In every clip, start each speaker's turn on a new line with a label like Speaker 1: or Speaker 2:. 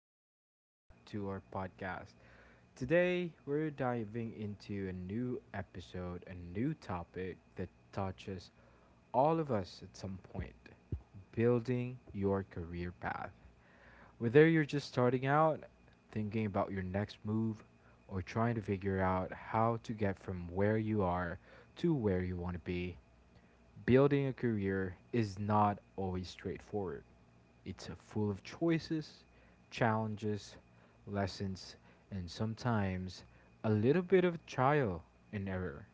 Speaker 1: welcome back to our podcast. Today, we're diving into a new episode, a new topic that touches all of us at some point building your career path. Whether you're just starting out, thinking about your next move, or trying to figure out how to get from where you are to where you want to be, building a career is not always straightforward. It's full of choices, challenges, lessons, and sometimes a little bit of trial and error.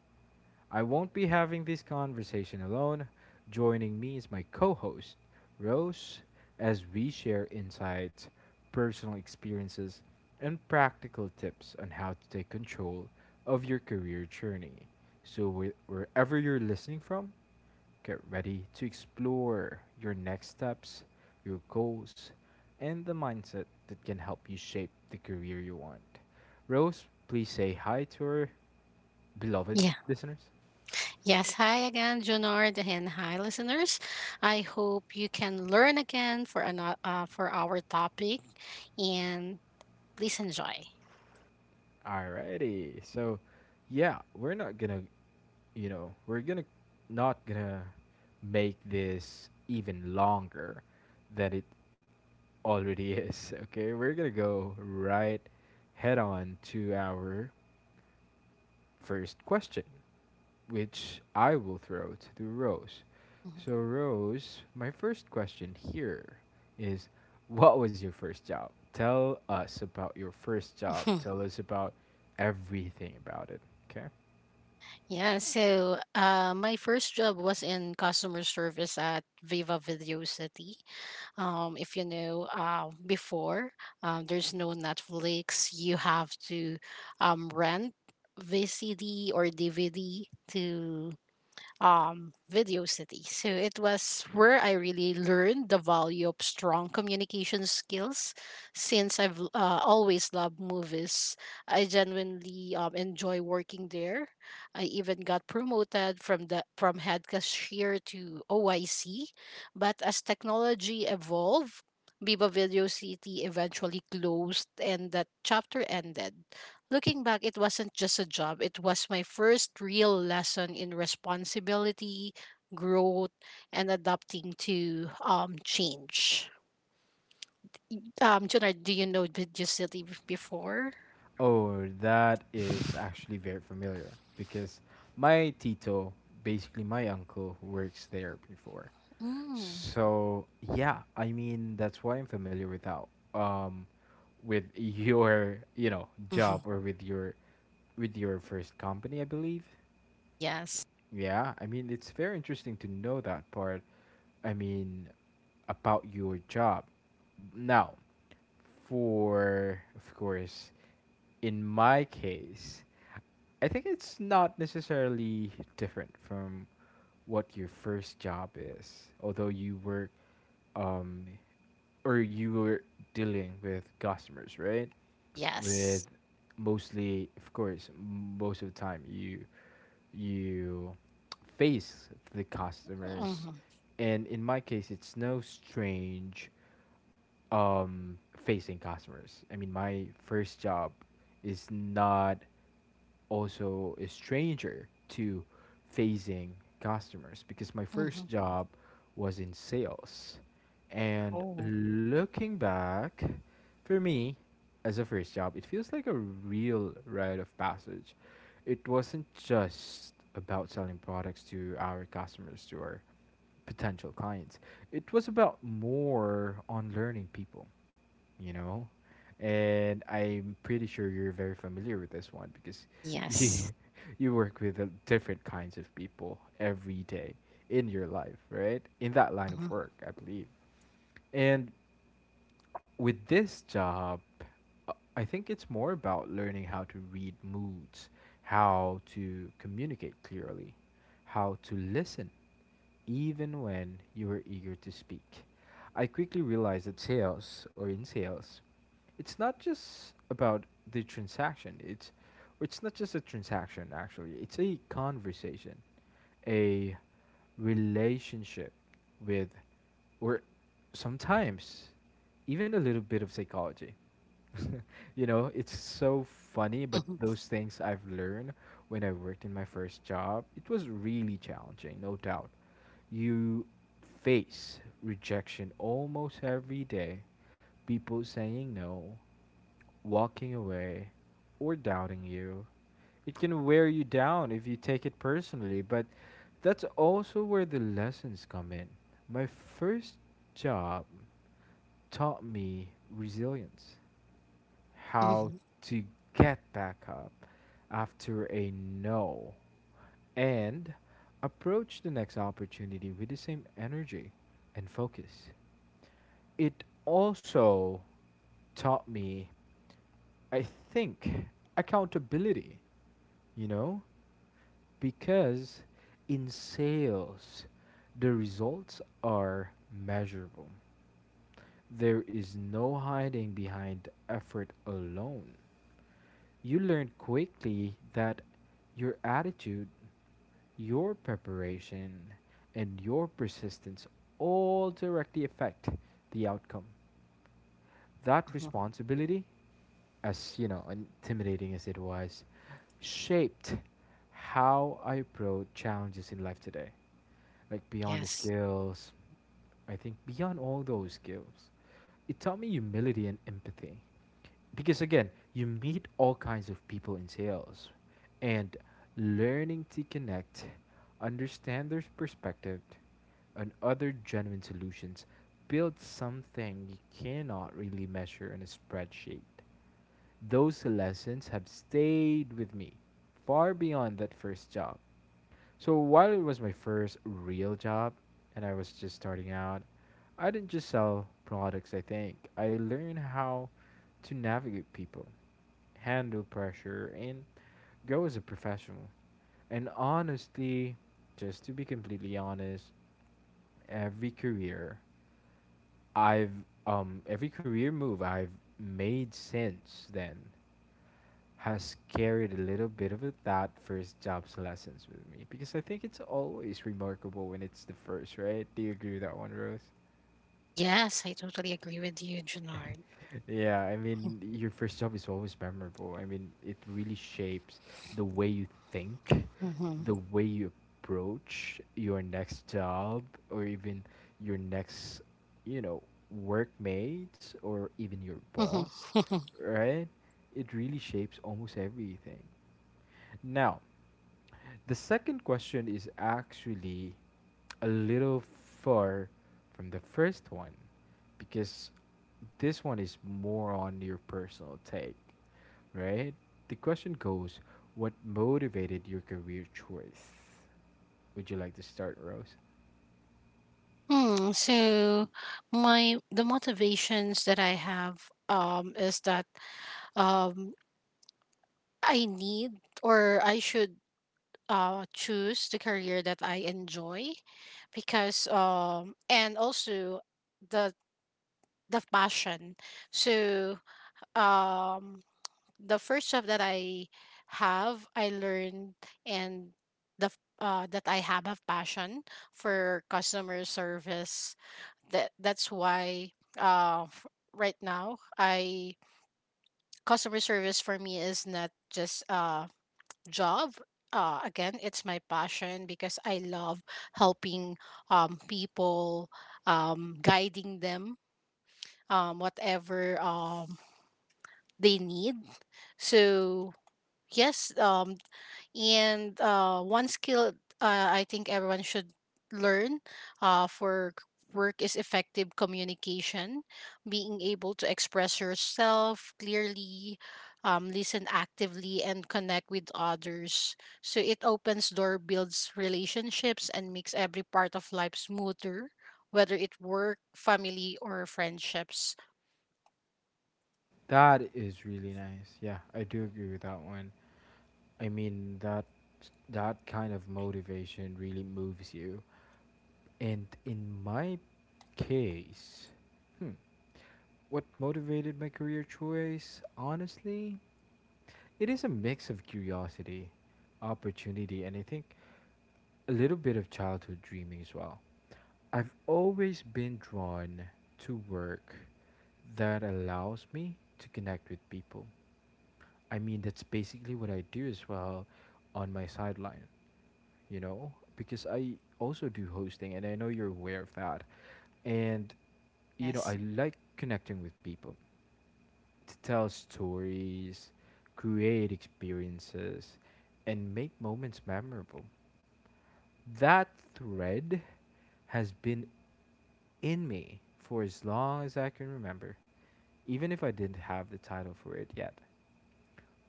Speaker 1: I won't be having this conversation alone. Joining me is my co host, Rose, as we share insights, personal experiences, and practical tips on how to take control of your career journey. So, wherever you're listening from, get ready to explore your next steps, your goals, and the mindset that can help you shape the career you want. Rose, please say hi to our beloved
Speaker 2: Yeah.
Speaker 1: listeners.
Speaker 2: Yes. Hi again, Junard, and hi, listeners. I hope you can learn again for another for our topic, and please enjoy.
Speaker 1: Alrighty. So, yeah, we're gonna not gonna make this even longer than it already is. Okay, we're gonna go right head on to our first question, which I will throw to Rose.
Speaker 2: Mhm.
Speaker 1: So, Rose, my first question here is what was your first job? Tell us about your first job. Tell us about everything about it, okay?
Speaker 2: Yeah. So, my first job was in customer service at Viva Video City. If you know, before there's no Netflix. You have to rent VCD or DVD to Video City. So it was where I really learned the value of strong communication skills. Since I've always loved movies, I genuinely enjoy working there. I even got promoted from the from head cashier to OIC. But as technology evolved, Biba Video City eventually closed and that chapter ended. Looking back, it wasn't just a job, it was my first real lesson in responsibility, growth, and adapting to change. Junard, do you know Video City before?
Speaker 1: Oh, that is actually very familiar because my Tito, basically my uncle, works there before.
Speaker 2: Mm.
Speaker 1: So, yeah, I mean, that's why I'm familiar with that. Um, with your job or with your first company, I believe.
Speaker 2: Yes,
Speaker 1: Yeah, I mean, it's very interesting to know that part. I mean, about your job now. For of course, in my case, I think it's not necessarily different from what your first job is, although you were, um, or you were dealing with customers, right? With
Speaker 2: yes.
Speaker 1: mostly, of course, most of the time you you face the customers,
Speaker 2: Hmm,
Speaker 1: and in my case, it's no strange facing customers. I mean, my first job is not also a stranger to facing customers because my
Speaker 2: hmm.
Speaker 1: first job was in sales. And
Speaker 2: Oh,
Speaker 1: looking back, for me, as a first job, it feels like a real rite of passage. It wasn't just about selling products to our customers, to our potential clients. It was about more on learning people, you know? And I'm pretty sure you're very familiar with this one because you
Speaker 2: yes.
Speaker 1: you work with different kinds of people every day in your life, right? In that line of
Speaker 2: Hmm,
Speaker 1: work, I believe. And with this job, uh, I think it's more about learning how to read moods, how to communicate clearly, how to listen even when you were eager to speak. I quickly realized that sales, or in sales, it's not just about the transaction. It's not just a transaction, actually. It's a conversation, a relationship with or sometimes even a little bit of psychology. You know, it's so funny,
Speaker 2: hmm,
Speaker 1: but
Speaker 2: hmm.
Speaker 1: those things I've learned when I worked in my first job, it was really challenging, no doubt. You face rejection almost every day, people saying no, walking away, or doubting you. It can wear you down if you take it personally, but that's also where the lessons come in. My first job taught me resilience, how to get back up after a no, and approach the next opportunity with the same energy and focus. It also taught me, I think, accountability, you know? Because in sales, the results are measurable. There is no hiding behind effort alone. You learn quickly that your attitude, your preparation, and your persistence all directly affect the outcome. That responsibility, as you know, intimidating as it was, shaped how I approach challenges in life today. Like beyond the
Speaker 2: Yes.
Speaker 1: skills, I think beyond all those skills, it taught me humility and empathy because again, you meet all kinds of people in sales and learning to connect, understand their perspective, and other genuine solutions builds something you cannot really measure in a spreadsheet. Those lessons have stayed with me far beyond that first job. So while it was my first real job and I was just starting out, I didn't just sell products, I think. I learned how to navigate people, handle pressure, and grow as a professional. And honestly, just to be completely honest, every career I've every career move I've made since then has carried a little bit of that first job's lessons with me because I think it's always remarkable when it's the first, right? Do you agree with that one, Rose?
Speaker 2: Yes, I totally agree with you, Junard.
Speaker 1: Yeah, I mean, your first job is always memorable. I mean, it really shapes the way you think,
Speaker 2: Hmm,
Speaker 1: the way you approach your next job, or even your next, you know, workmate, or even your
Speaker 2: hmm.
Speaker 1: boss, right? It really shapes almost everything. Now, the second question is actually a little far from the first one because this one is more on your personal take, right? The question goes, what motivated your career choice? Would you like to start, Rose?
Speaker 2: Hmm, so my the motivations that I have is that um I need or I should choose the career that I enjoy, because and also the the passion. So um the first job that I have, I learned, and that I have a passion for customer service. That that's why uh f- right now I customer service for me is not just a job. Again, it's my passion because I love helping people, guiding them whatever they need. So yes. And one skill I think everyone should learn uh, for c- work is effective communication, being able to express yourself clearly, listen actively, and connect with others. So it opens door, builds relationships, and makes every part of life smoother, whether it work, family, or friendships.
Speaker 1: That is really nice. Yeah, I do agree with that one. I mean, that that kind of motivation really moves you. And in my case. Hmm. What motivated my career choice? Honestly, it is a mix of curiosity, opportunity, and I think a little bit of childhood dreaming as well. I've always been drawn to work that allows me to connect with people. I mean, that's basically what I do as well on my sideline, you know, because I also do hosting and I know you're aware of that. And, you know, I
Speaker 2: Yes.
Speaker 1: like connecting with people. To tell stories, create experiences, and make moments memorable. That thread has been in me for as long as I can remember, even if I didn't have the title for it yet.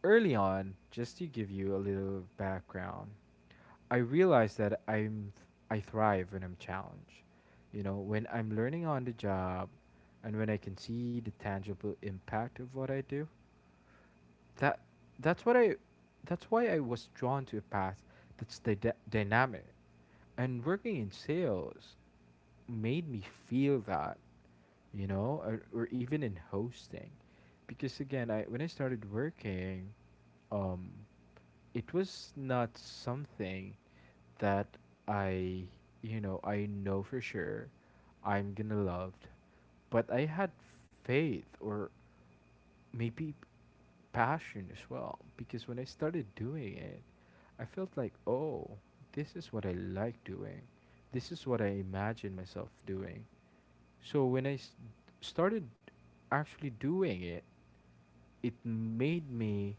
Speaker 1: Early on, just to give you a little background, I realized that I thrive when I'm challenged. You know, when I'm learning on the job and when I can see the tangible impact of what I do, That that's what I that's why I was drawn to a path that's dynamic. And working in sales made me feel that, you know, or even in hosting. Because again, I when I started working, um, it was not something that I, you know, I know for sure I'm gonna love, but I had faith or maybe passion as well because when I started doing it, I felt like, oh, this is what I like doing. This is what I imagine myself doing. So when started actually doing it, it made me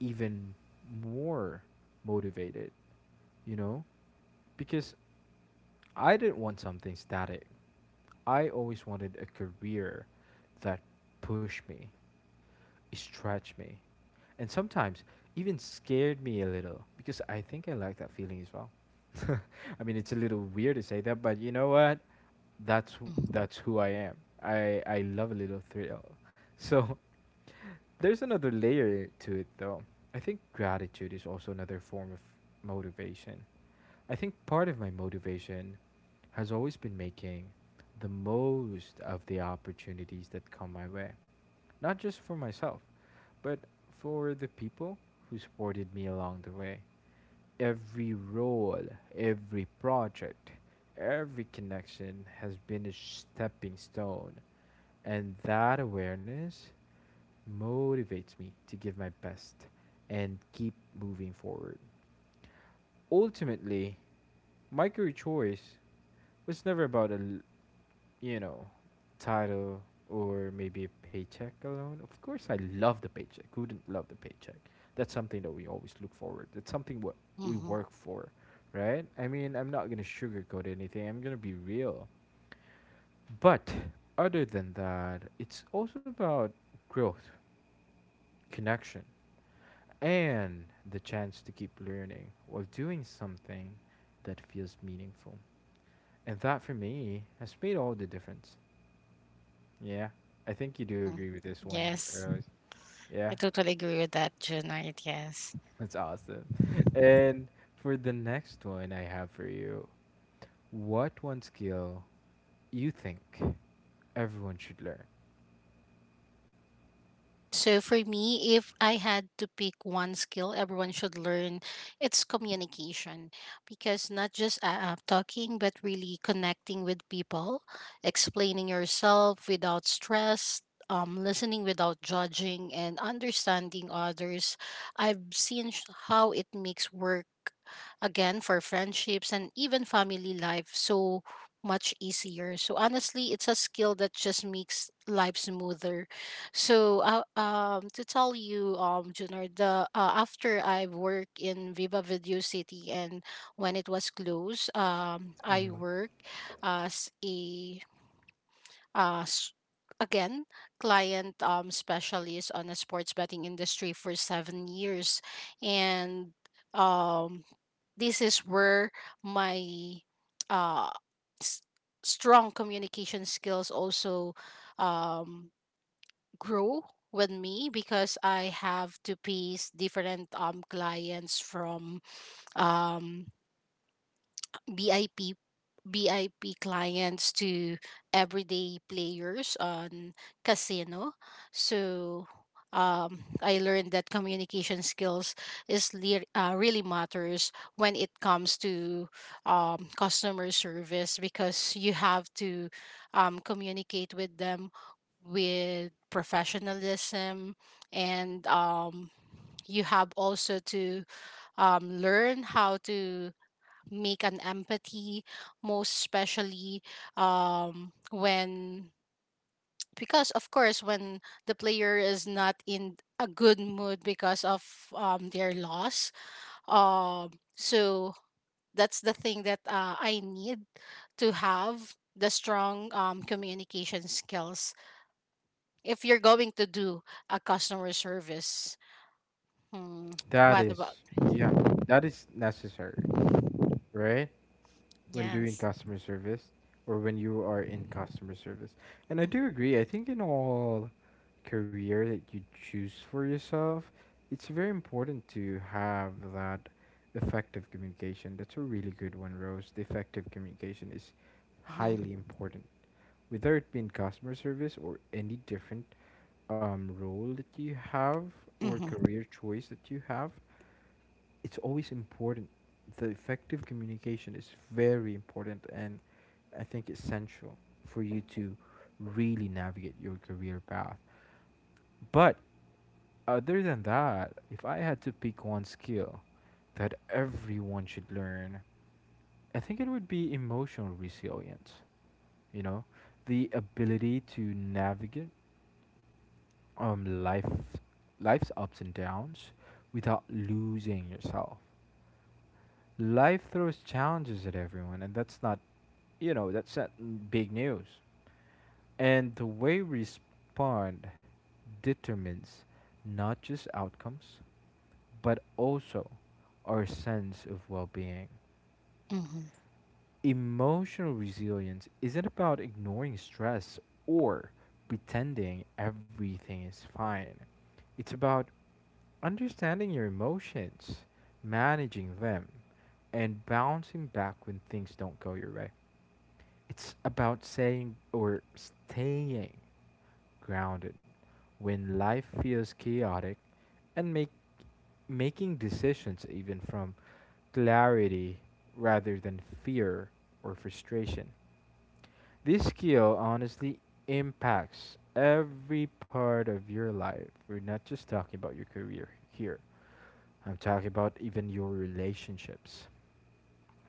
Speaker 1: even more motivated, you know? Because I didn't want something static. I always wanted a career that pushed me stretched me, and sometimes even scared me a little because I think I like that feeling as well. I mean, it's a little weird to say that, but you know what?
Speaker 2: Mm-hmm.
Speaker 1: That's who I am. I love a little thrill. So there's another layer to it, though. I think gratitude is also another form of motivation. I think part of my motivation has always been making the most of the opportunities that come my way, not just for myself, but for the people who supported me along the way. Every role, every project, every connection has been a stepping stone, and that awareness motivates me to give my best and keep moving forward. Ultimately, my career choice was never about a. you know, title or maybe a paycheck alone. Of course, I love the paycheck. Who wouldn't love the paycheck? That's something that we always look forward. That's something what we
Speaker 2: Mm-hmm.
Speaker 1: work for, right? I mean, I'm not gonna sugarcoat anything. I'm gonna be real. But other than that, it's also about growth, connection, and the chance to keep learning while doing something that feels meaningful. And that for me has made all the difference. Yeah, I think you do
Speaker 2: Mm-hmm.
Speaker 1: agree with this one,
Speaker 2: Yes.
Speaker 1: Rose. Yeah,
Speaker 2: I totally agree with that, Junard. Yes.
Speaker 1: that's awesome. And for the next one I have for you, what one skill you think everyone should learn?
Speaker 2: Yeah, so for me, if I had to pick one skill everyone should learn, it's communication. Because not just talking, but really connecting with people, explaining yourself without stress, listening without judging, and understanding others. I've how it makes work, again, for friendships, and even family life so much easier. So honestly, it's a skill that just makes life smoother. So, to tell you, Junior, the after I work in Viva Video City and when it was closed, I
Speaker 1: Hmm.
Speaker 2: work as a uh, s- again, client specialist on a sports betting industry for 7 years. And um, this is where my uh s- strong communication skills also um grow with me, because I have to piece different clients, from um BIP, BIP clients to everyday players on casino. So I learned that communication skills really matters when it comes to customer service, because you have to communicate with them with professionalism, and you have also to learn how to make an empathy, most especially when, because of course, when the player is not in a good mood because of their loss. um so that's the thing that I need to have the strong communication skills if you're going to do a customer service. Hmm.
Speaker 1: That
Speaker 2: What about.
Speaker 1: is, yeah, that is necessary, right? When doing
Speaker 2: Yes.
Speaker 1: customer service or when you are in customer service. And I do agree, I think in all career that you choose for yourself, it's very important to have that effective communication. That's a really good one, Rose. The effective communication is
Speaker 2: Mm-hmm.
Speaker 1: highly important. Whether it be in customer service or any different role that you have or
Speaker 2: Mm-hmm.
Speaker 1: career choice that you have, it's always important. The effective communication is very important and I think essential for you to really navigate your career path. But other than that, if I had to pick one skill that everyone should learn, I think it would be emotional resilience. You know, the ability to navigate um life life's ups and downs without losing yourself. Life throws challenges at everyone, and that's not you know that's not big news. And the way we respond determines not just outcomes, but also our sense of well being.
Speaker 2: Mm-hmm.
Speaker 1: Emotional resilience isn't about ignoring stress or pretending everything is fine. It's about understanding your emotions, managing them, and bouncing back when things don't go your way. It's about saying or staying grounded when life feels chaotic and make making decisions even from clarity rather than fear or frustration. This skill honestly impacts every part of your life. We're not just talking about your career here. I'm talking about even your relationships,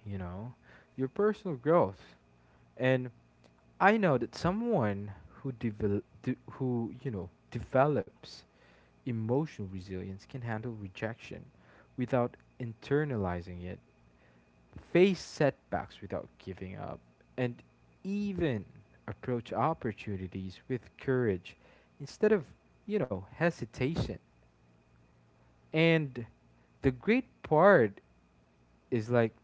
Speaker 1: you know, your personal growth. And I know that someone who, you know, develops emotional resilience can handle rejection without internalizing it, face setbacks without giving up, and even approach opportunities with courage instead of, you know, hesitation. And the great part is like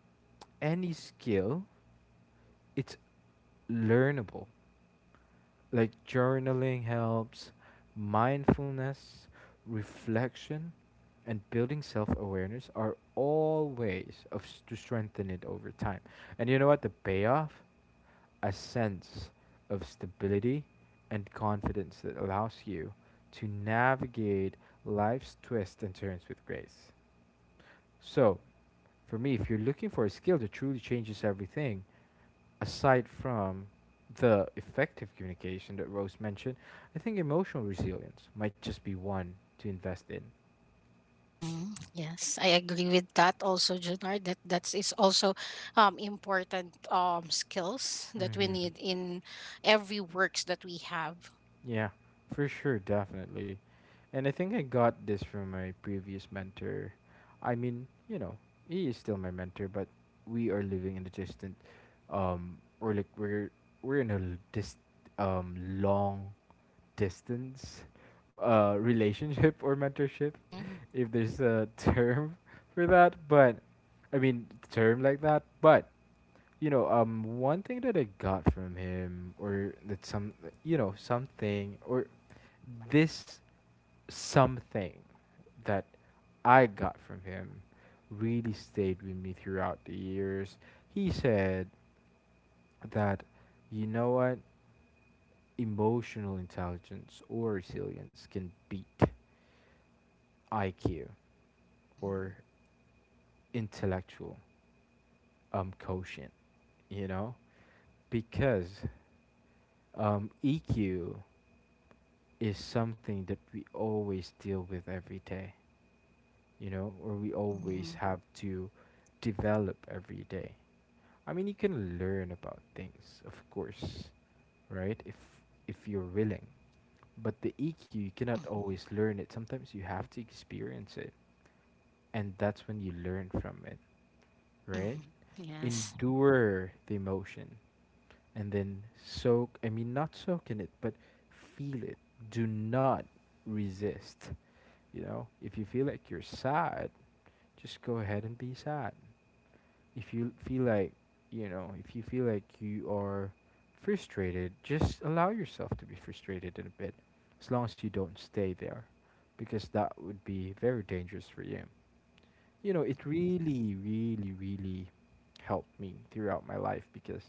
Speaker 1: any skill, it's learnable. Like journaling helps, mindfulness, reflection, and building self awareness are all ways to strengthen it over time. And you know what? The payoff? A sense of stability and confidence that allows you to navigate life's twists and turns with grace. So, for me, if you're looking for a skill that truly changes everything, aside from the effective communication that Rose mentioned, I think emotional resilience might just be one to invest in.
Speaker 2: Mm, yes, I agree with that also, Junar. That is also important skills that we
Speaker 1: Mm-hmm.
Speaker 2: need in every works that we have.
Speaker 1: Yeah, for sure, definitely. And I think I got this from my previous mentor. I mean, you know, he is still my mentor, but we are living in a distant, or like we're in a long distance, relationship or mentorship,
Speaker 2: Hmm,
Speaker 1: if there's a term for that. But I mean, term like that. But you know, one thing that I got from him, or that some, you know, something, or this something that I got from him really stayed with me throughout the years. He said that, you know what, emotional intelligence or resilience can beat IQ
Speaker 2: hmm,
Speaker 1: or intellectual quotient, you know? Because EQ is something that we always deal with every day, you know, or we
Speaker 2: hmm,
Speaker 1: always have to develop every day. I mean, you can learn about things, of course, right? If you're willing. But the EQ, you cannot
Speaker 2: hmm,
Speaker 1: always learn it. Sometimes you have to experience it, and that's when you learn from it, right?
Speaker 2: hmm. Yes.
Speaker 1: Endure the emotion and then soak, I mean, not soak in it, but feel it. Do not resist. You know, if you feel like you're sad, just go ahead and be sad. If you feel like, you know, if you feel like you are frustrated, just allow yourself to be frustrated in a bit, as long as you don't stay there, because that would be very dangerous for you. You know, it really, really, really helped me throughout my life because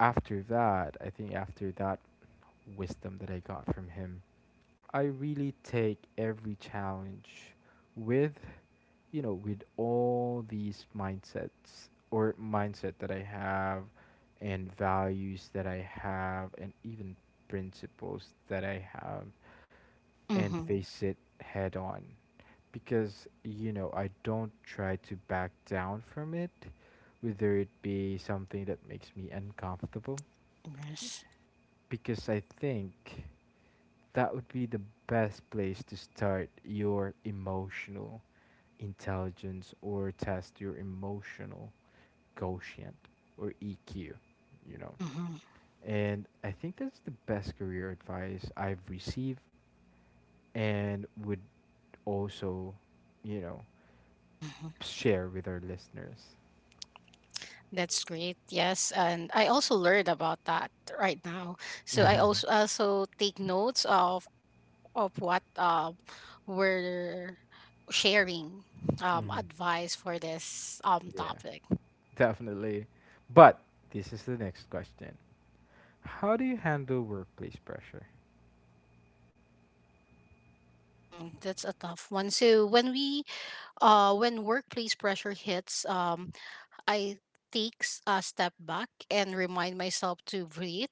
Speaker 1: after that, I think after that wisdom that I got from him, I really take every challenge with, you know, with all these mindsets or mindset that I have and values that I have and even principles that I have and
Speaker 2: Mm-hmm.
Speaker 1: face it head on because, you know, I don't try to back down from it, whether it be something that makes me uncomfortable
Speaker 2: Yes.
Speaker 1: because I think that would be the best place to start your emotional intelligence or test your emotional quotient or EQ, you know.
Speaker 2: Hmm,
Speaker 1: And I think that's the best career advice I've received and would also, you know,
Speaker 2: hmm.
Speaker 1: share with our listeners.
Speaker 2: That's great. Yes, and I also learned about that right now. So I
Speaker 1: hmm
Speaker 2: also take notes of what we're sharing advice for this
Speaker 1: Yeah,
Speaker 2: topic.
Speaker 1: definitely. But this is the next question. How do you handle workplace pressure?
Speaker 2: Mm, that's a tough one. So when we when workplace pressure hits, I take a step back and remind myself to breathe.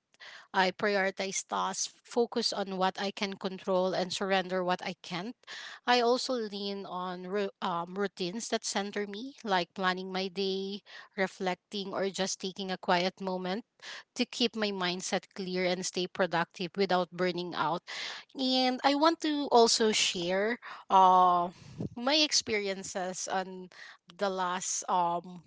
Speaker 2: I prioritize tasks, focus on what I can control, and surrender what I can't. I also lean on routines that center me, like planning my day, reflecting, or just taking a quiet moment to keep my mindset clear and stay productive without burning out. And I want to also share uh, my experiences on the last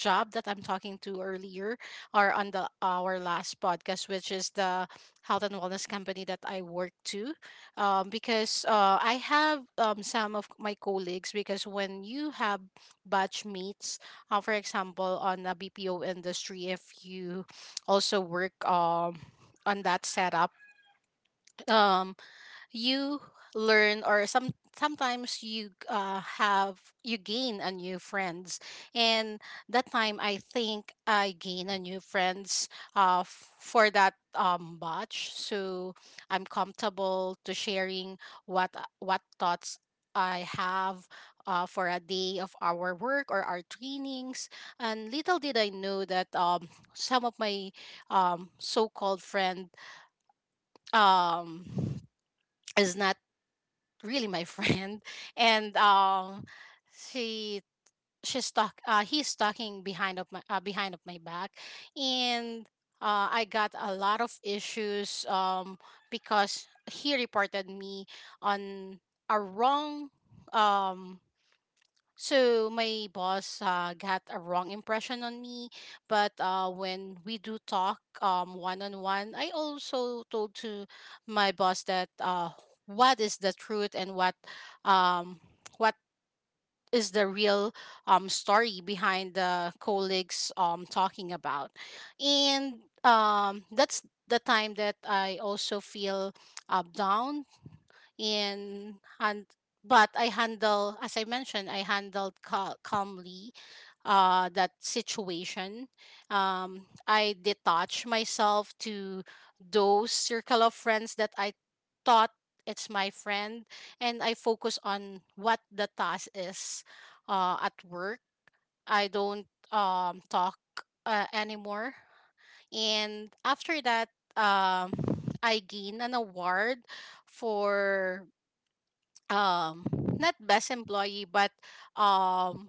Speaker 2: job that I'm talking to earlier, or on the our last podcast, which is the health and wellness company that I work to. Because I have some of my colleagues, because when you have batch meets, for example, on a BPO industry, if you also work on that setup, um you learn, or some sometimes you have, you gain a new friends. And that time, I think I gain a new friends for that batch. So I'm comfortable to sharing what thoughts I have for a day of our work or our trainings. And little did I know that some of my so-called friend um, is not really my friend. And she, she's talk he's talking behind of my back. And I got a lot of issues because he reported me on a wrong. um so my boss got a wrong impression on me. But when we do talk one on one, I also told to my boss that what is the truth, and um what is the real story behind the colleagues talking about. And that's the time that I also feel down in. And but I handle, as I mentioned, I handled calmly that situation. I detach myself to those circle of friends that I thought it's my friend, and I focus on what the task is at work. I don't talk anymore. And after that, um, I gained an award for um, not best employee, but um,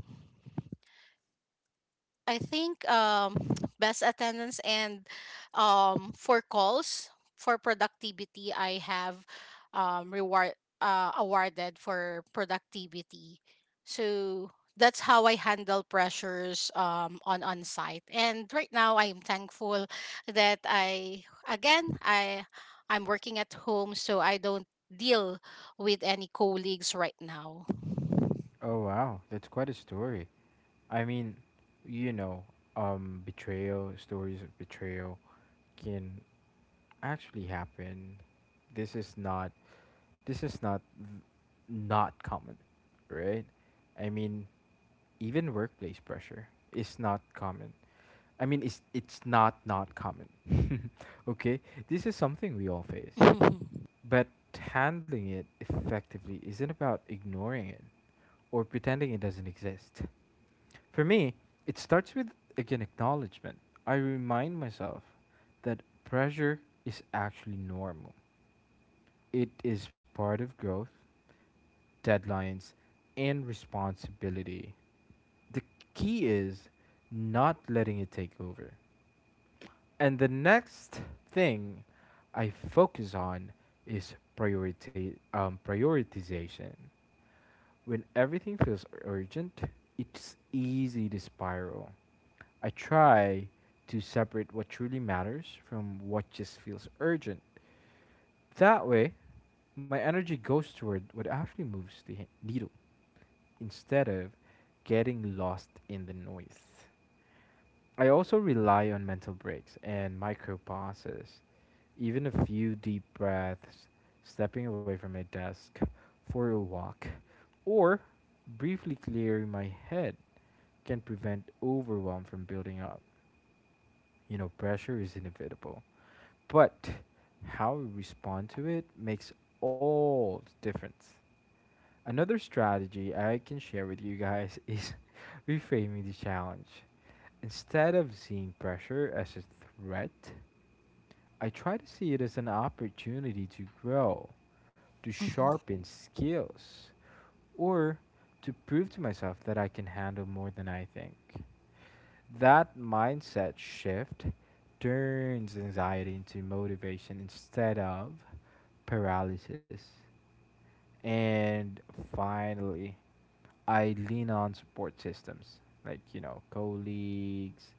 Speaker 2: I think best attendance, and for calls, for productivity, I have reward, awarded for productivity. So that's how I handle pressures on site. And right now, I'm thankful that I again I I'm working at home, so I don't deal with any colleagues right now.
Speaker 1: Oh wow, that's quite a story. I mean, you know, betrayal, stories of betrayal can actually happen. This is not this is not not common, right? I mean, even workplace pressure is not common. I mean, it's not not common. Okay? This is something we all face.
Speaker 2: Mhm,
Speaker 1: But handling it effectively isn't about ignoring it or pretending it doesn't exist. For me, it starts with again acknowledgement. I remind myself that pressure is actually normal. It is part of growth, deadlines, and responsibility. The key is not letting it take over. And the next thing I focus on is priority prioritization. When everything feels urgent, it's easy to spiral. I try to separate what truly matters from what just feels urgent. That way, my energy goes toward what actually moves the needle instead of getting lost in the noise. I also rely on mental breaks and micro pauses, even a few deep breaths, stepping away from my desk for a walk, or briefly clearing my head can prevent overwhelm from building up. You know, pressure is inevitable, but how we respond to it makes all the difference. Another strategy I can share with you guys is reframing the challenge. Instead of seeing pressure as a threat, I try to see it as an opportunity to grow, to
Speaker 2: mhm,
Speaker 1: sharpen skills, or to prove to myself that I can handle more than I think. That mindset shift turns anxiety into motivation instead of paralysis. And finally, I lean on support systems like, you know, colleagues,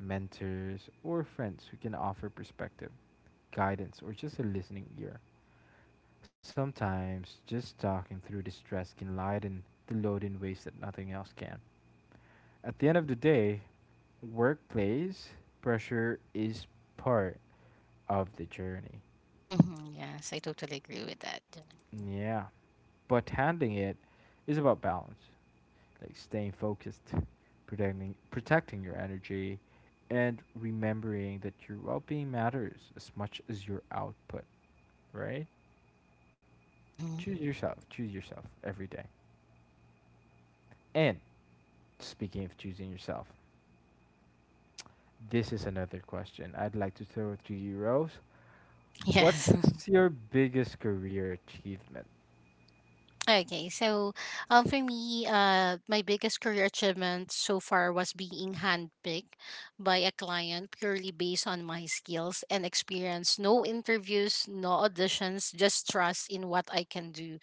Speaker 1: mentors, or friends who can offer perspective, guidance, or just a listening ear. Sometimes just talking through the stress can lighten the load in ways that nothing else can. At the end of the day, workplace pressure is part of the journey.
Speaker 2: mhm. Yes, I totally agree with that, Jenna.
Speaker 1: Yeah. But handling it is about balance. Like staying focused, protecting your energy and remembering that your well-being matters as much as your output, right?
Speaker 2: Mm-hmm.
Speaker 1: Choose yourself. Choose yourself every day. And speaking of choosing yourself, this is another question I'd like to throw to you, Rose.
Speaker 2: Yes.
Speaker 1: What's your biggest career achievement?
Speaker 2: Okay, so for me, my biggest career achievement so far was being handpicked by a client purely based on my skills and experience. No interviews, no auditions, just trust in what I can do.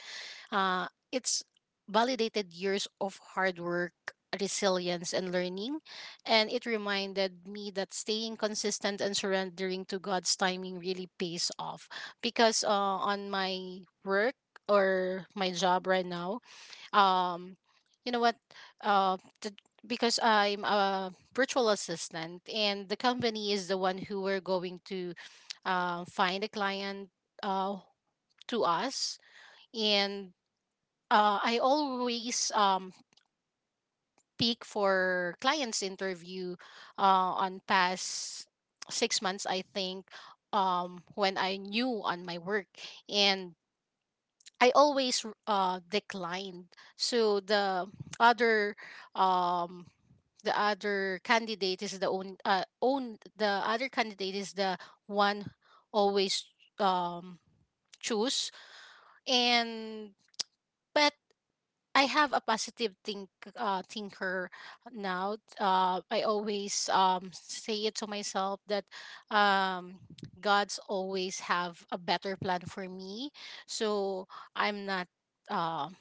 Speaker 2: It's validated years of hard work, resilience, and learning. And it reminded me that staying consistent and surrendering to God's timing really pays off. Because on my work or my job right now, um, you know what? Uh, the, because I'm a virtual assistant, and the company is the one who we're going to find a client to us. And I always peak for clients interview on past 6 months, I think, when I knew on my work. And I always declined, so other um the other candidate is the own own the other candidate, is the one always um choose. And but I have a positive thinker now. I always say it to myself that um, God's always have a better plan for me. So I'm not. Um,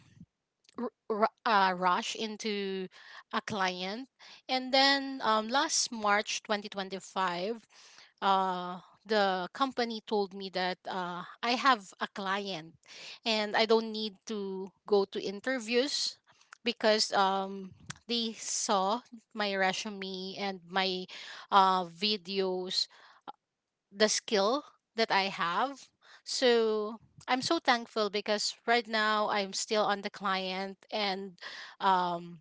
Speaker 2: Rush into a client. And then last March 2025, uh, the company told me that I have a client, and I don't need to go to interviews because they saw my resume and my videos, the skill that I have. So I'm so thankful, because right now I'm still on the client, and um,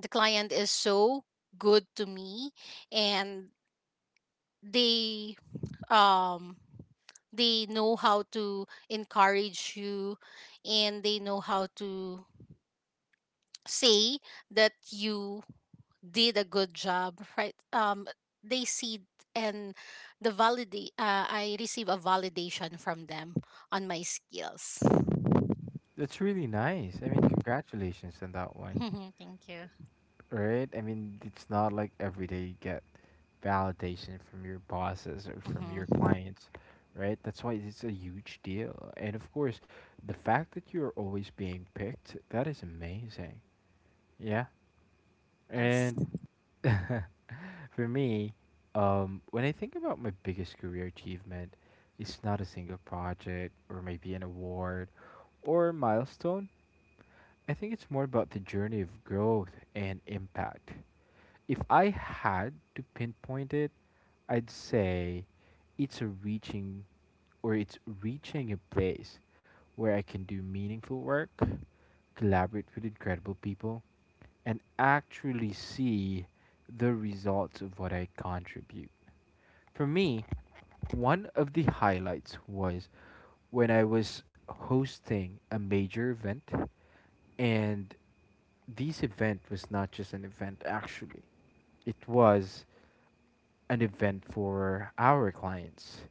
Speaker 2: the client is so good to me. And they um they know how to encourage you, and they know how to say that you did a good job, right? They see and the validate. I receive a validation from them on my skills.
Speaker 1: That's really nice. I mean, congratulations on that one.
Speaker 2: Mhm. Thank you.
Speaker 1: Right? I mean, it's not like every day you get validation from your bosses or from your
Speaker 2: Hmm.
Speaker 1: clients, right? That's why it's a huge deal. And of course, the fact that you're always being picked, that is amazing. Yeah.
Speaker 2: Yes.
Speaker 1: And for me, when I think about my biggest career achievement, it's not a single project or maybe an award or milestone. I think it's more about the journey of growth and impact. If I had to pinpoint it, I'd say it's a reaching it's reaching a place where I can do meaningful work, collaborate with incredible people, and actually see the results of what I contribute. For me, one of the highlights was when I was hosting a major event, and this event was not just an event, actually, it was an event for our clients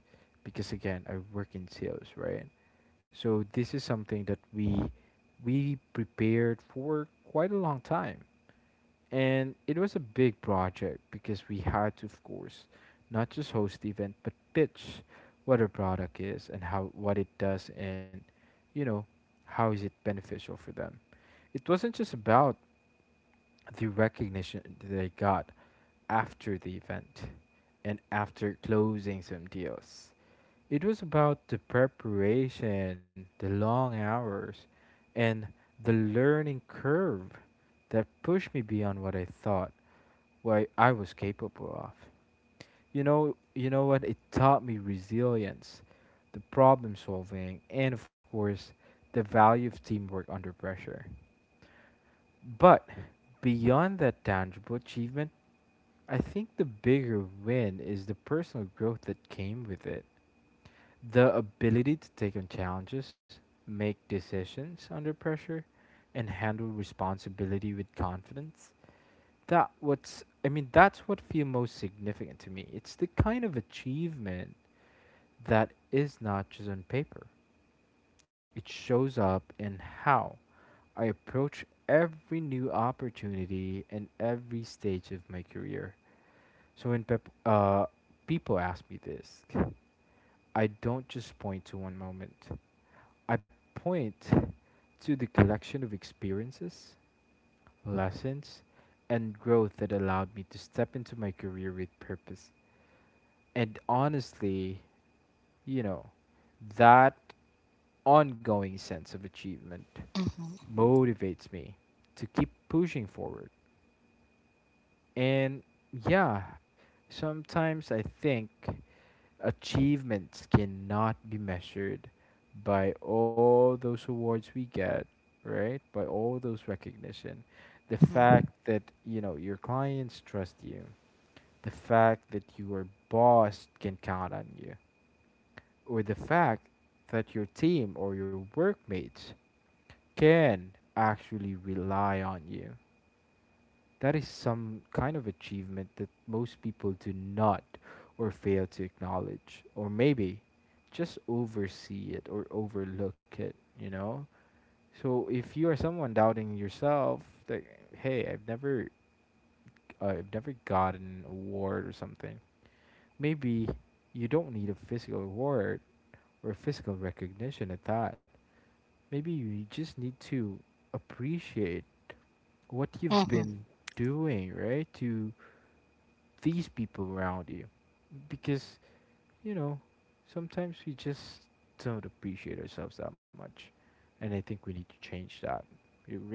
Speaker 1: because again I work in sales, right? So this is something that we prepared for quite a long time. And it was a big project because we had to of course not just host the event but pitch what a product is and how what it does, and you know how is it beneficial for them. It wasn't just about the recognition they got, after the event and after closing some deals. It was about the preparation, the long hours, and the learning curve that pushed me beyond what I thought what I was capable of. You know what it taught me: resilience, the problem solving, and of course, the value of teamwork under pressure. But beyond that tangible achievement, I think the bigger win is the personal growth that came with it. The ability to take on challenges, make decisions under pressure, and handle responsibility with confidence. That's what feel most significant to me. It's the kind of achievement that is not just on paper. It shows up in how I approach every new opportunity and every stage of my career. So when people ask me this, I don't just point to one moment. I point to the collection of experiences, lessons, and growth that allowed me to step into my career with purpose. And honestly, you know, that ongoing sense of achievement
Speaker 2: Hmm,
Speaker 1: motivates me to keep pushing forward. And yeah, sometimes I think achievements cannot be measured by all those awards we get, right? By all those recognition. The
Speaker 2: hmm,
Speaker 1: fact that, you know, your clients trust you, the fact that your boss can count on you, or the fact that your team or your workmates can actually rely on you. That is some kind of achievement that most people do not or fail to acknowledge, or maybe just oversee it or overlook it, you know? So if you are someone doubting yourself, that hey, I've never gotten an award or something. Maybe you don't need a physical award or physical recognition at that. Maybe you just need to appreciate what you've
Speaker 2: hmm.
Speaker 1: been doing, right? To these people around you. Because, you know, sometimes we just don't appreciate ourselves that much. And I think we need to change that. You agree?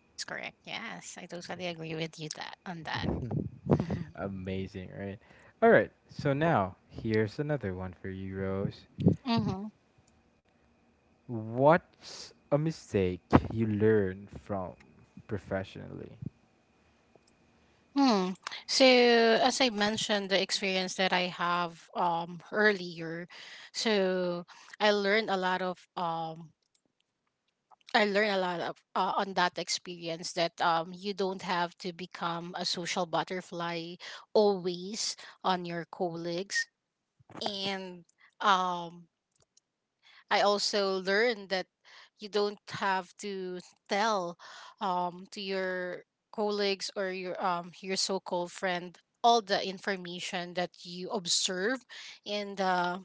Speaker 2: That's correct. Yes, I totally agree with you that on that. Hmm,
Speaker 1: Amazing, right? All right. So now, here's another one for you, Rose.
Speaker 2: hmm.
Speaker 1: What's a mistake you learned from professionally?
Speaker 2: Mm. So as I mentioned, the experience that I have earlier, so I learned a lot of, on that experience that you don't have to become a social butterfly always on your colleagues. And um, I also learned that you don't have to tell to your colleagues or your so-called friend all the information that you observe in the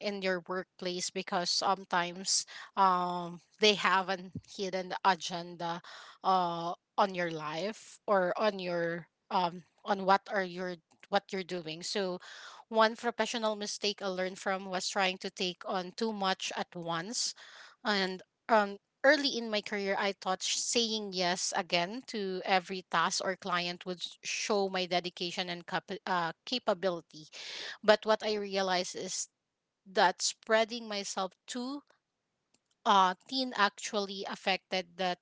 Speaker 2: in your workplace, because sometimes they have an hidden agenda on your life, or on what are your what you're doing. So one professional mistake I learned from was trying to take on too much at once and um early in my career I thought saying yes again to every task or client would show my dedication and capability. But what I realized is that spreading myself too thin actually affected the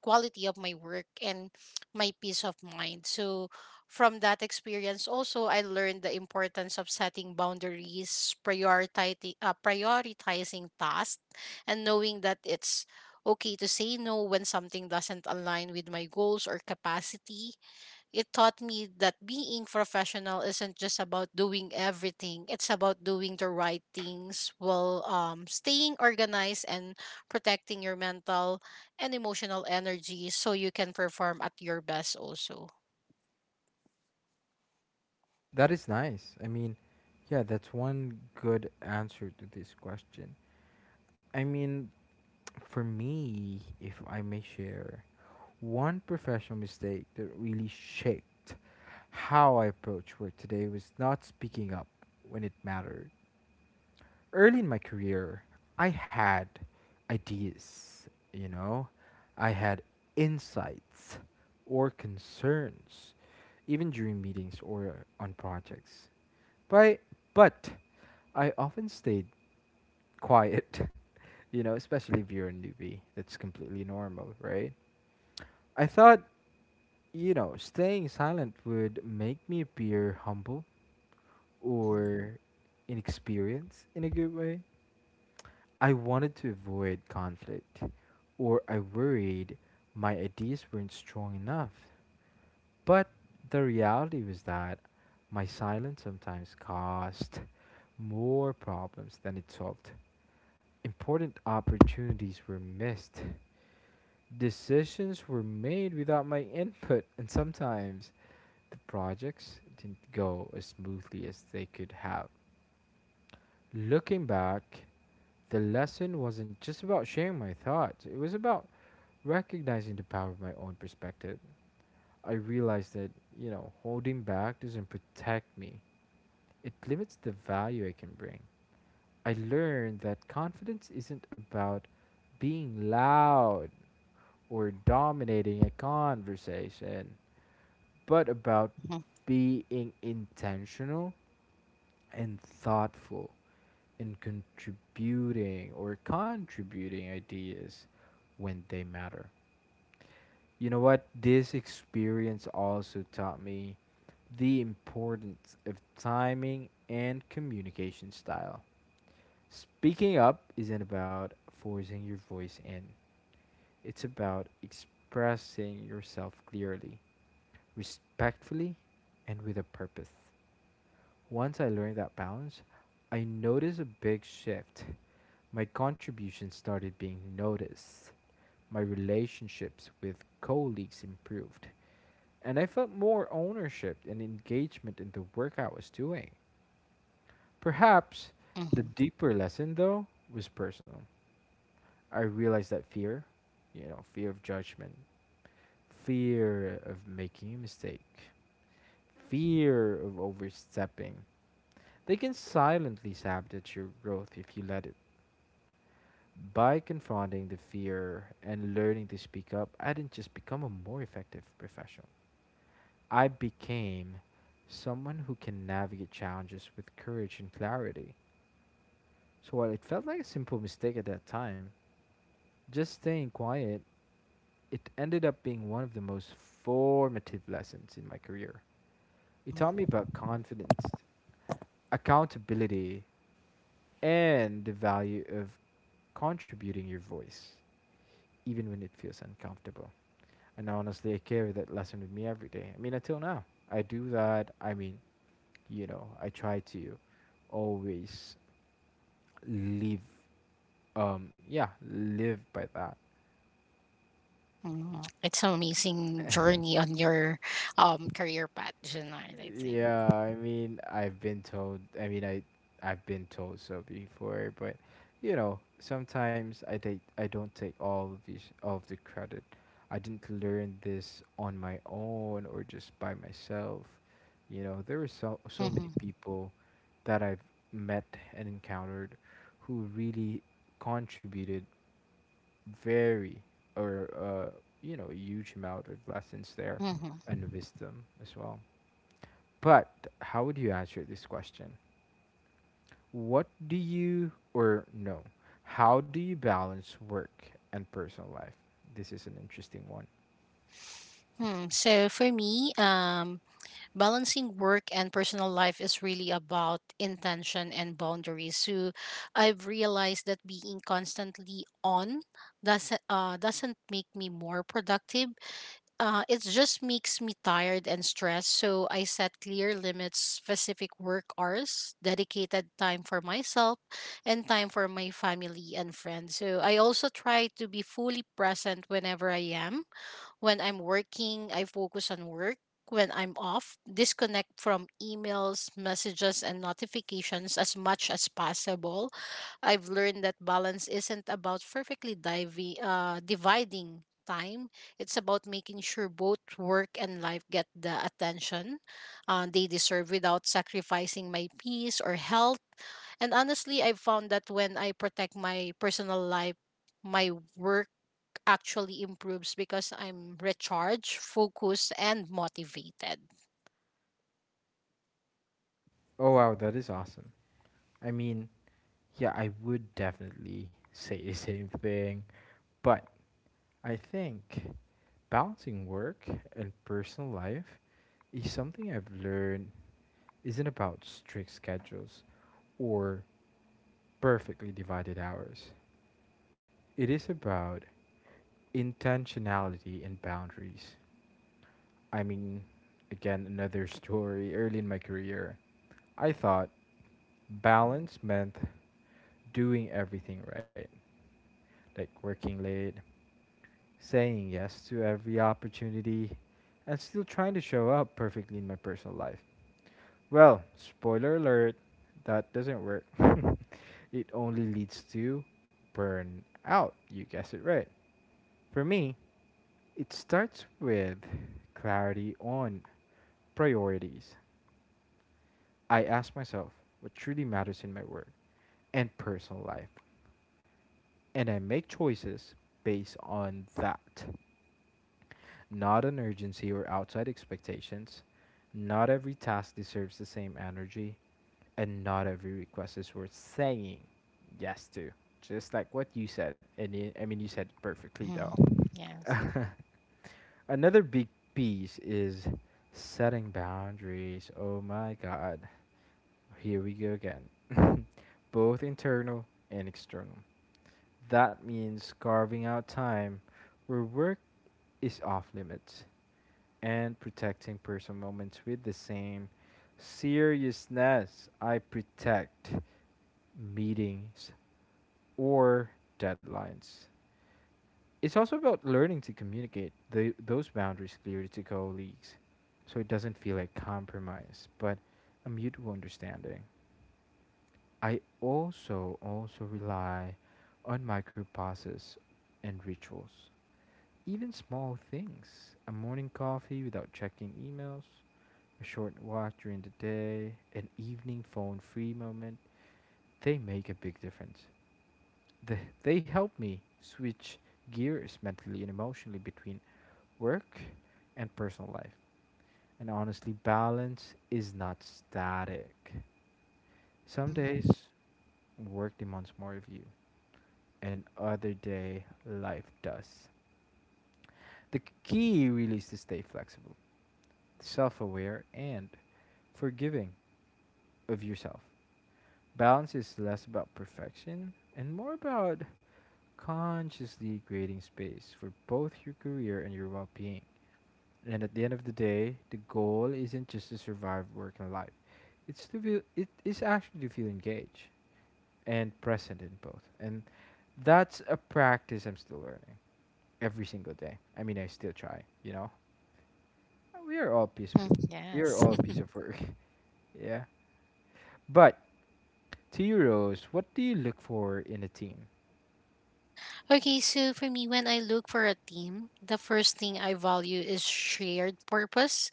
Speaker 2: quality of my work and my peace of mind. So from that experience, also, I learned the importance of setting boundaries, prioritizing tasks, and knowing that it's okay to say no when something doesn't align with my goals or capacity. It taught me that being professional isn't just about doing everything. It's about doing the right things while staying organized and protecting your mental and emotional energy so you can perform at your best also.
Speaker 1: That is nice. I mean, yeah, that's one good answer to this question. I mean, for me, if I may share, one professional mistake that really shaped how I approach work today was not speaking up when it mattered early in my career. I had ideas, you know, I had insights or concerns, even during meetings or on projects. But, but I often stayed quiet. You know, especially if you're a newbie. That's completely normal, right? I thought, you know, staying silent would make me appear humble
Speaker 2: Mm-hmm,
Speaker 1: or inexperienced in a good way. I wanted to avoid conflict, or I worried my ideas weren't strong enough. But the reality was that my silence sometimes caused more problems than it solved. Important opportunities were missed, decisions were made without my input, and sometimes the projects didn't go as smoothly as they could have. Looking back, the lesson wasn't just about sharing my thoughts, it was about recognizing the power of my own perspective. I realized that, you know, holding back doesn't protect me, it limits the value I can bring. I learned that confidence isn't about being loud or dominating a conversation, but about
Speaker 2: mm-hmm,
Speaker 1: being intentional and thoughtful in contributing or contributing ideas when they matter. You know what? This experience also taught me the importance of timing and communication style. Speaking up isn't about forcing your voice in, it's about expressing yourself clearly, respectfully, and with a purpose. Once I learned that balance, I noticed a big shift. My contributions started being noticed. My relationships with colleagues improved, and I felt more ownership and engagement in the work I was doing. Perhaps the
Speaker 2: mm-hmm,
Speaker 1: deeper lesson, though, was personal. I realized that fear, you know, fear of judgment, fear of making a mistake, fear of overstepping, they can silently sabotage your growth if you let it. By confronting the fear and learning to speak up, I didn't just become a more effective professional. I became someone who can navigate challenges with courage and clarity. So while it felt like a simple mistake at that time, just staying quiet, it ended up being one of the most formative lessons in my career. It taught me
Speaker 2: mm-hmm,
Speaker 1: about confidence, accountability, and the value of contributing your voice, even when it feels uncomfortable. And honestly, I carry that lesson with me every day. I mean, until now, I do that. I mean, you know, I try to always live, yeah, live by that.
Speaker 2: mm-hmm. It's an amazing journey on your career path, Janelle, I think.
Speaker 1: Yeah, I mean, I've been told, I mean, I've been told so before, but you know, sometimes I take I don't take all of the credit. I didn't learn this on my own or just by myself. You know, there were so many
Speaker 2: Mm-hmm,
Speaker 1: people that I've met and encountered who really contributed very, or you know, a huge amount of lessons there
Speaker 2: mm-hmm.
Speaker 1: and wisdom as well. But how would you answer this question? What do you or no? How do you balance work and personal life? This is an interesting one.
Speaker 2: Hmm. So for me, balancing work and personal life is really about intention and boundaries. So I've realized that being constantly on doesn't make me more productive. It just makes me tired and stressed. So I set clear limits, specific work hours, dedicated time for myself, and time for my family and friends. So I also try to be fully present when I'm working, I focus on work. When I'm off, disconnect from emails, messages, and notifications as much as possible. I've learned that balance isn't about perfectly dividing time. It's about making sure both work and life get the attention they deserve without sacrificing my peace or health. And honestly, I've found that when I protect my personal life, my work actually improves because I'm recharged, focused, and motivated.
Speaker 1: Oh wow, that is awesome. I mean, yeah, I would definitely say the same thing, but I think balancing work and personal life is something I've learned isn't about strict schedules or perfectly divided hours. It is about intentionality and boundaries. I mean, again, another story early in my career. I thought
Speaker 2: Mm-hmm.
Speaker 1: balance meant doing everything right, like working late, saying yes to every opportunity, and still trying to show up perfectly in my personal life. Well, spoiler alert, that doesn't work. It only leads to burnout. You guessed it right. For me, it starts with clarity on priorities. I ask myself what truly matters in my work and personal life, and I make choices based on that. Not on urgency or outside expectations. Not every task deserves the same energy, and not every request is worth saying yes to. Just like what you said, and I mean, you said it perfectly though.
Speaker 2: Mm-hmm. Yes.
Speaker 1: Another big piece is setting boundaries. Oh my god. Here we go again. Both internal and external. That means carving out time where work is off limits and protecting personal moments with the same seriousness I protect meetings or deadlines. It's also about learning to communicate those boundaries clearly to colleagues so it doesn't feel like compromise, but a mutual understanding. I also rely on micropauses and rituals. Even small things, a morning coffee without checking emails, a short walk during the day, an evening phone free moment, they make a big difference. They help me switch gears mentally and emotionally between work and personal life. And honestly, balance is not static. Some
Speaker 2: Mm-hmm.
Speaker 1: days, work demands more of you, and other day life does. The key really is to stay flexible, self aware, and forgiving of yourself. Balance is less about perfection and more about consciously creating space for both your career and your well being. And at the end of the day, the goal isn't just to survive work and life. It is actually to feel engaged and present in both. And that's a practice I'm still learning every single day. I mean, I still try, you know. We are all piece
Speaker 2: Mm-hmm.
Speaker 1: of, we are
Speaker 2: Yes.
Speaker 1: all a piece of work. Yeah. But to you, Rose, what do you look for in a team?
Speaker 2: Okay, so for me, when I look for a team, the first thing I value is shared purpose.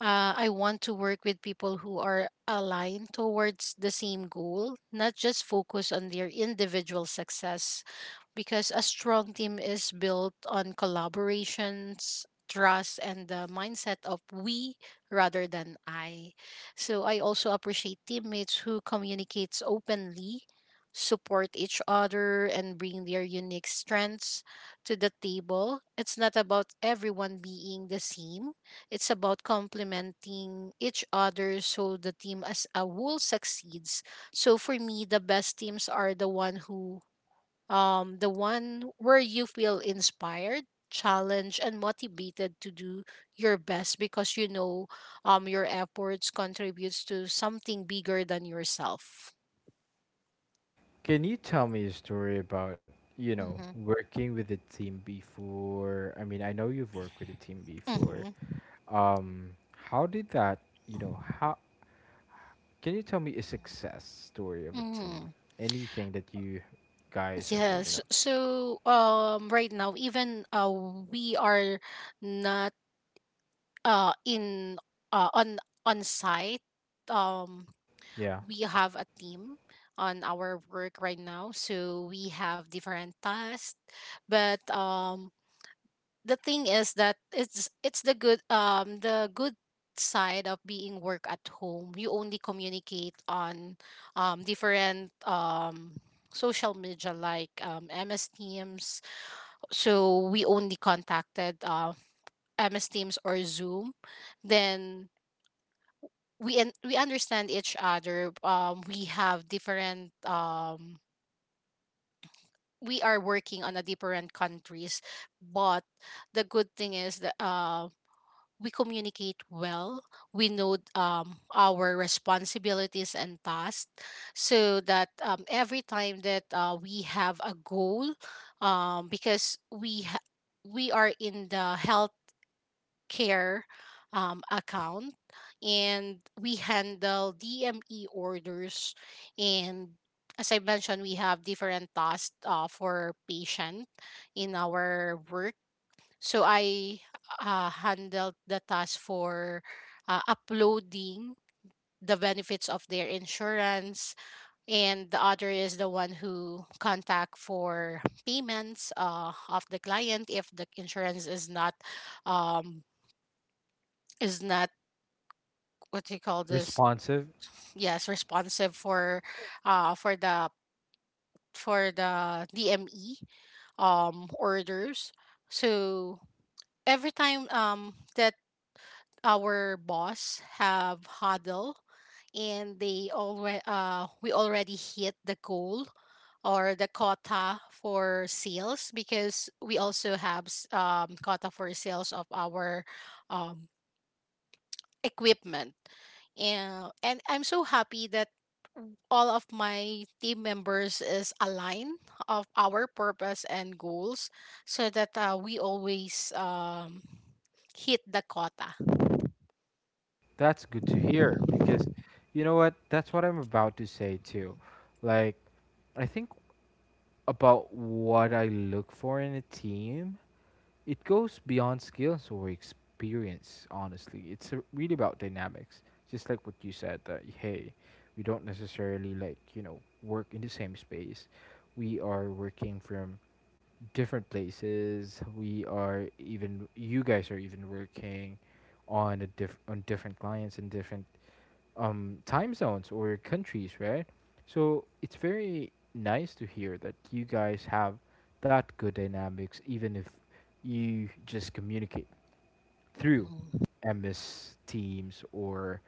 Speaker 2: I want to work with people who are aligned towards the same goal, not just focus on their individual success, because a strong team is built on collaborations, trust, and the mindset of we rather than I. So I also appreciate teammates who communicates openly, support each other, and bring their unique strengths to the table. It's not about everyone being the same. It's about complementing each other so the team as a whole succeeds. So for me, the best teams are the one where you feel inspired, challenged, and motivated to do your best because your efforts contributes to something bigger than yourself.
Speaker 1: Can you tell me a story about, you know,
Speaker 2: Mm-hmm.
Speaker 1: working with a team before? I mean, I know you've worked with a team before.
Speaker 2: Mm-hmm.
Speaker 1: Um, how did that, you know, how can you tell me a success story of a
Speaker 2: Mm-hmm.
Speaker 1: team? Anything that you guys have, you know,
Speaker 2: Yes. So right now, even we are not in uh, on on site. Um,
Speaker 1: yeah,
Speaker 2: we have a team on our work right now so we have different tasks but the thing is that it's the good side of being work at home. You only communicate on different social media like MS Teams. So we only contacted MS Teams or Zoom, then we understand each other. We have different we are working on a different countries, but the good thing is that we communicate well. We know our responsibilities and tasks, so that every time that we have a goal, because we are in the health care account, and we handle DME orders. And as I mentioned, we have different tasks for patient in our work. So I handled the task for uploading the benefits of their insurance, and the other is the one who contact for payments of the client if the insurance is not um, is not, what do you call this?
Speaker 1: responsive.
Speaker 2: Yes, responsive uh for the for the DME orders. So every time that our boss have huddle and they already we already hit the goal or the quota for sales, because we also have quota for sales of our um equipment. And I'm so happy that all of my team members is aligned of our purpose and goals, so that we always hit the quota.
Speaker 1: That's good to hear because you know what? That's what I'm about to say too. Like, I think about what I look for in a team, it goes beyond skills or experience, honestly. It's a, really about dynamics. Just like what you said, that hey, we don't necessarily like, you know, work in the same space. We are working from different places. We are even you guys are even working on a diff on different clients and different time zones or countries, right? So it's very nice to hear that you guys have that good dynamics, even if you just communicate through
Speaker 2: Mhm,
Speaker 1: MS Teams or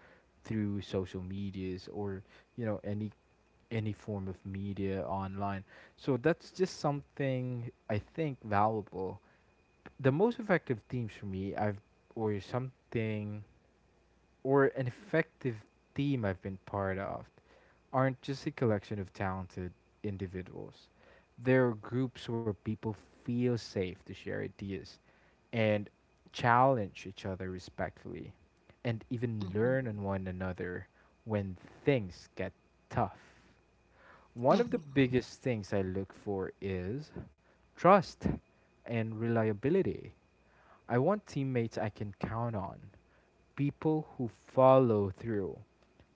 Speaker 1: through social medias or you know any form of media online. So that's just something I think valuable. The most effective teams for me, I've or something or an effective team I've been part of aren't just a collection of talented individuals. They're groups where people feel safe to share ideas and challenge each other respectfully and even
Speaker 2: mhm,
Speaker 1: learn on one another when things get tough. One of the
Speaker 2: mhm,
Speaker 1: biggest things I look for is trust and reliability. I want teammates I can count on, people who follow through,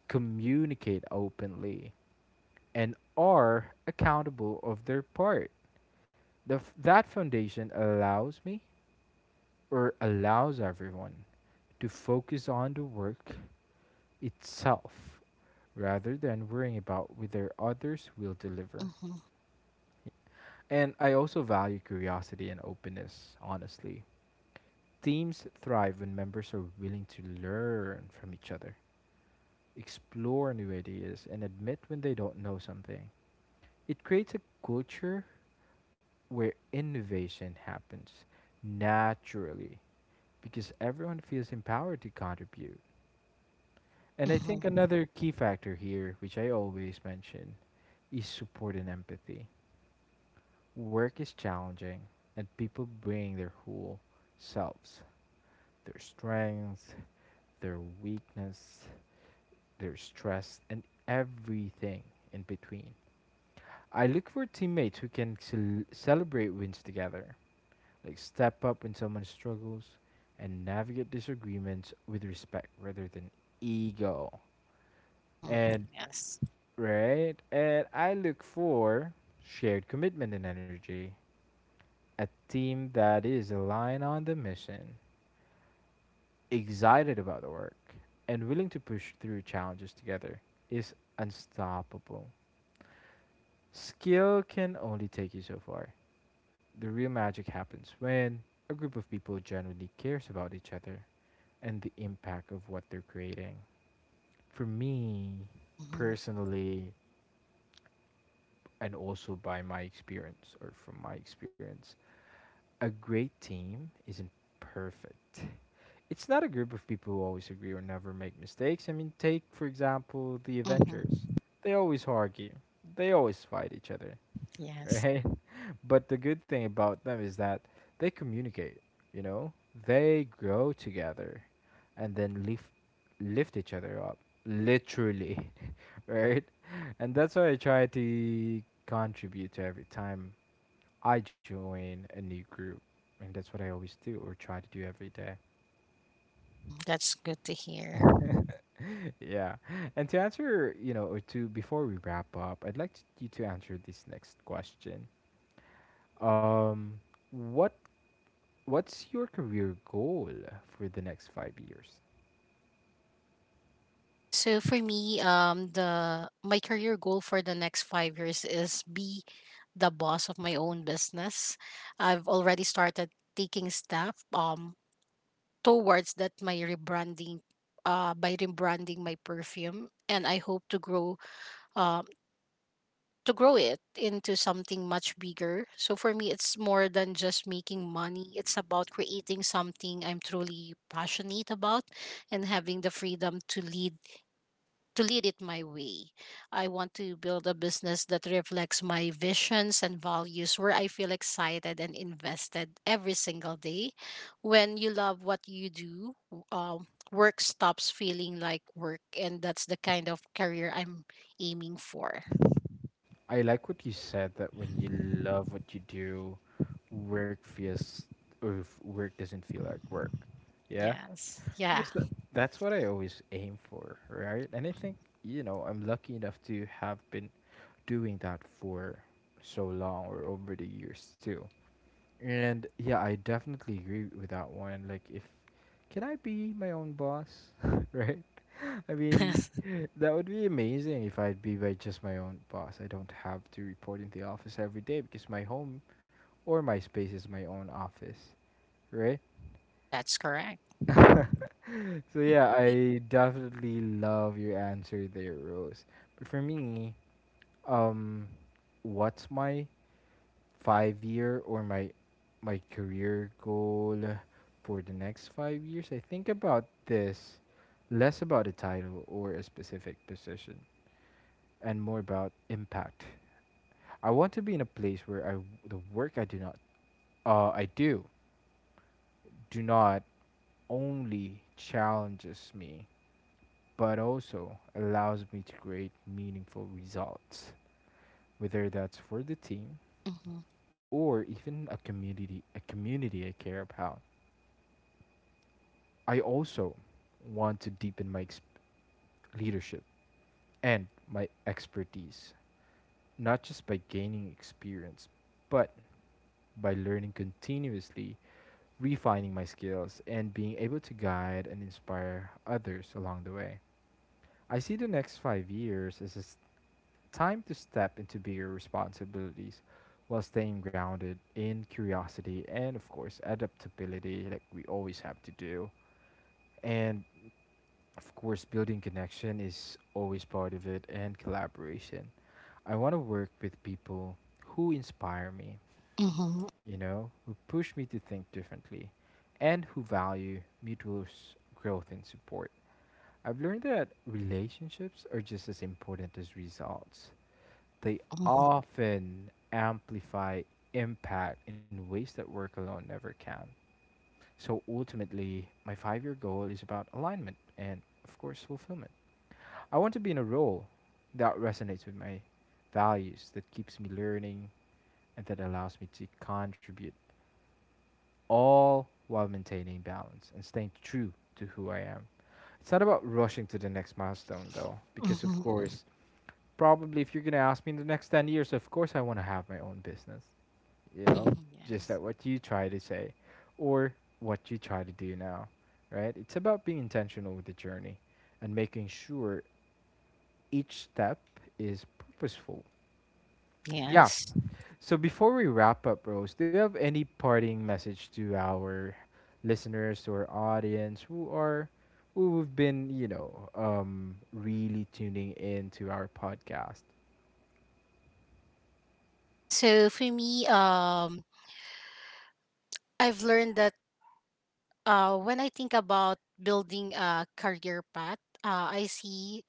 Speaker 1: communicate openly, and are accountable of their part. That foundation allows me or allows everyone to focus on the work itself rather than worrying about whether others will deliver.
Speaker 2: mhm,
Speaker 1: And I also value curiosity and openness, honestly. Teams thrive when members are willing to learn from each other, explore new ideas, and admit when they don't know something. It creates a culture where innovation happens naturally because everyone feels empowered to contribute. And I
Speaker 2: mhm,
Speaker 1: think another key factor here, which I always mention, is support and empathy. Work is challenging, and people bring their whole selves, their strengths, their weakness, their stress, and everything in between. I look for teammates who can celebrate wins together, like step up when someone struggles and navigate disagreements with respect rather than ego,
Speaker 2: mhm.
Speaker 1: and
Speaker 2: Yes.
Speaker 1: right, and I look for shared commitment and energy. A team that is aligned on the mission, excited about the work, and willing to push through challenges together is unstoppable. Skill can only take you so far. The real magic happens when a group of people genuinely cares about each other and the impact of what they're creating. For me,
Speaker 2: Mhm,
Speaker 1: personally, and also by my experience or from my experience, a great team isn't perfect. It's not a group of people who always agree or never make mistakes. I mean, take, for example, the Avengers.
Speaker 2: mhm.
Speaker 1: They always argue, they always fight each other,
Speaker 2: Yes.
Speaker 1: right? But the good thing about them is that they communicate, you know? They grow together and then lift each other up. Literally, right? And that's what I try to contribute to every time I join a new group. And that's what I always do or try to do every day.
Speaker 2: Mm, that's good to hear.
Speaker 1: Yeah. And to answer, you know, or to before, what's your career goal for the next 5 years?
Speaker 2: Yeah, so for me, the my career goal for the next five years is be the boss of my own business. I've already started taking staff towards that my rebranding by rebranding my perfume, and I hope um to grow it into something much bigger. So for me, it's more than just making money. It's about creating something I'm truly passionate about and having the freedom to lead it my way. I want to build a business that reflects my visions and values where I feel excited and invested every single day. When you love what you do, work stops feeling like work, and that's the kind of career I'm aiming for.
Speaker 1: I like what you said that when you love what you do, work feels or if work doesn't feel like work. Yeah,
Speaker 2: Yes. Yeah.
Speaker 1: because that, that's what I always aim for, right? And I think you know I'm lucky enough to have been doing that for so long or over the years too. And yeah, I definitely agree with that one. Like, if can I be my own boss, right? I mean,
Speaker 2: Yes.
Speaker 1: that would be amazing if I'd be by just my own boss. I don't have to report in the office every day because my home or my space is my own office, right?
Speaker 2: That's correct.
Speaker 1: So yeah, I definitely love your answer there, Rose. But for me, um, what's my 5 year or my career goal for the next 5 years? I think about this less about a title or a specific position and more about impact. I want to be in a place where I the work I do not I do do not only challenges me but also allows me to create meaningful results, whether that's for the team
Speaker 2: Mm-hmm.
Speaker 1: or even a community I care about. I also want to deepen my leadership and my expertise, not just by gaining experience, but by learning continuously refining my skills, and being able to guide and inspire others along the way. I see the next 5 years as a time to step into bigger responsibilities while staying grounded in curiosity and, of course, adaptability, like we always have to do. And, of course, building connection is always part of it and collaboration. I want to work with people who inspire me,
Speaker 2: Mm-hmm.
Speaker 1: you know, who push me to think differently and who value mutual growth and support. I've learned that relationships are just as important as results. They
Speaker 2: Mm-hmm.
Speaker 1: often amplify impact in ways that work alone never can. So ultimately, my 5 year goal is about alignment and, of course, fulfillment. I want to be in a role that resonates with my values, that keeps me learning, and that allows me to contribute all while maintaining balance and staying true to who I am. It's not about rushing to the next milestone though, because of course, probably if you're going to ask me in the next 10 years, of course I want to have my own business, you know,
Speaker 2: Mm-hmm.
Speaker 1: just like
Speaker 2: yes.
Speaker 1: what you try to say or what you try to do now, right? It's about being intentional with the journey and making sure each step is purposeful. Yeah,
Speaker 2: Yes.
Speaker 1: so before we wrap up, Rose, do you have any parting message to our listeners, to our audience, who are who've been, really tuning in to our podcast?
Speaker 2: So for me, I've learned that when I think about building a career path, I see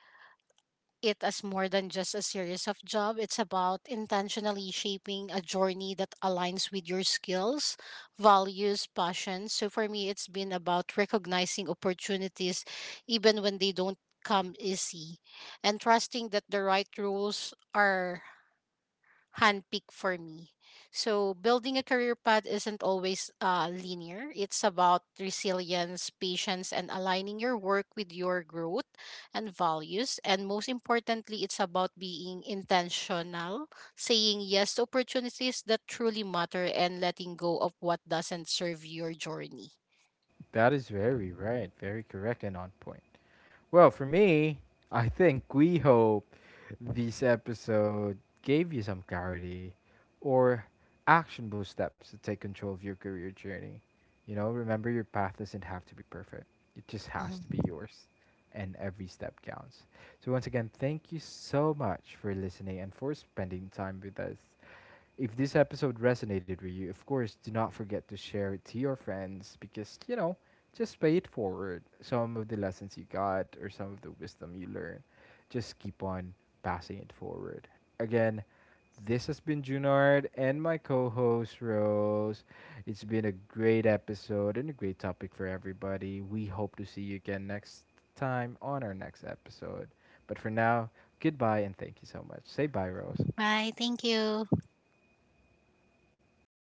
Speaker 2: it as more than just a series of job. It's about intentionally shaping a journey that aligns with your skills, values, passions. So for me, it's been about recognizing opportunities even when they don't come easy, and trusting that the right rules are handpick for me. So building a career path isn't always linear. It's about resilience, patience, and aligning your work with your growth and values. And most importantly, it's about being intentional, saying yes to opportunities that truly matter, and letting go of what doesn't serve your journey.
Speaker 1: That is very right, very correct, and on point. Well, for me, I think we hope this episode gave you some clarity or actionable steps to take control of your career journey. You know, remember your path doesn't have to be perfect, it just has
Speaker 2: Mhm.
Speaker 1: to be yours, and every step counts. So, once again, thank you so much for listening and for spending time with us. If this episode resonated with you, of course, do not forget to share it to your friends because, you know, just pay it forward. Some of the lessons you got or some of the wisdom you learned, just keep on passing it forward. Again, this has been Junard and my co host Rose. It's been a great episode and a great topic for everybody. We hope to see you again next time on our next episode. But for now, goodbye and thank you so much. Say bye, Rose.
Speaker 2: Bye. Thank you.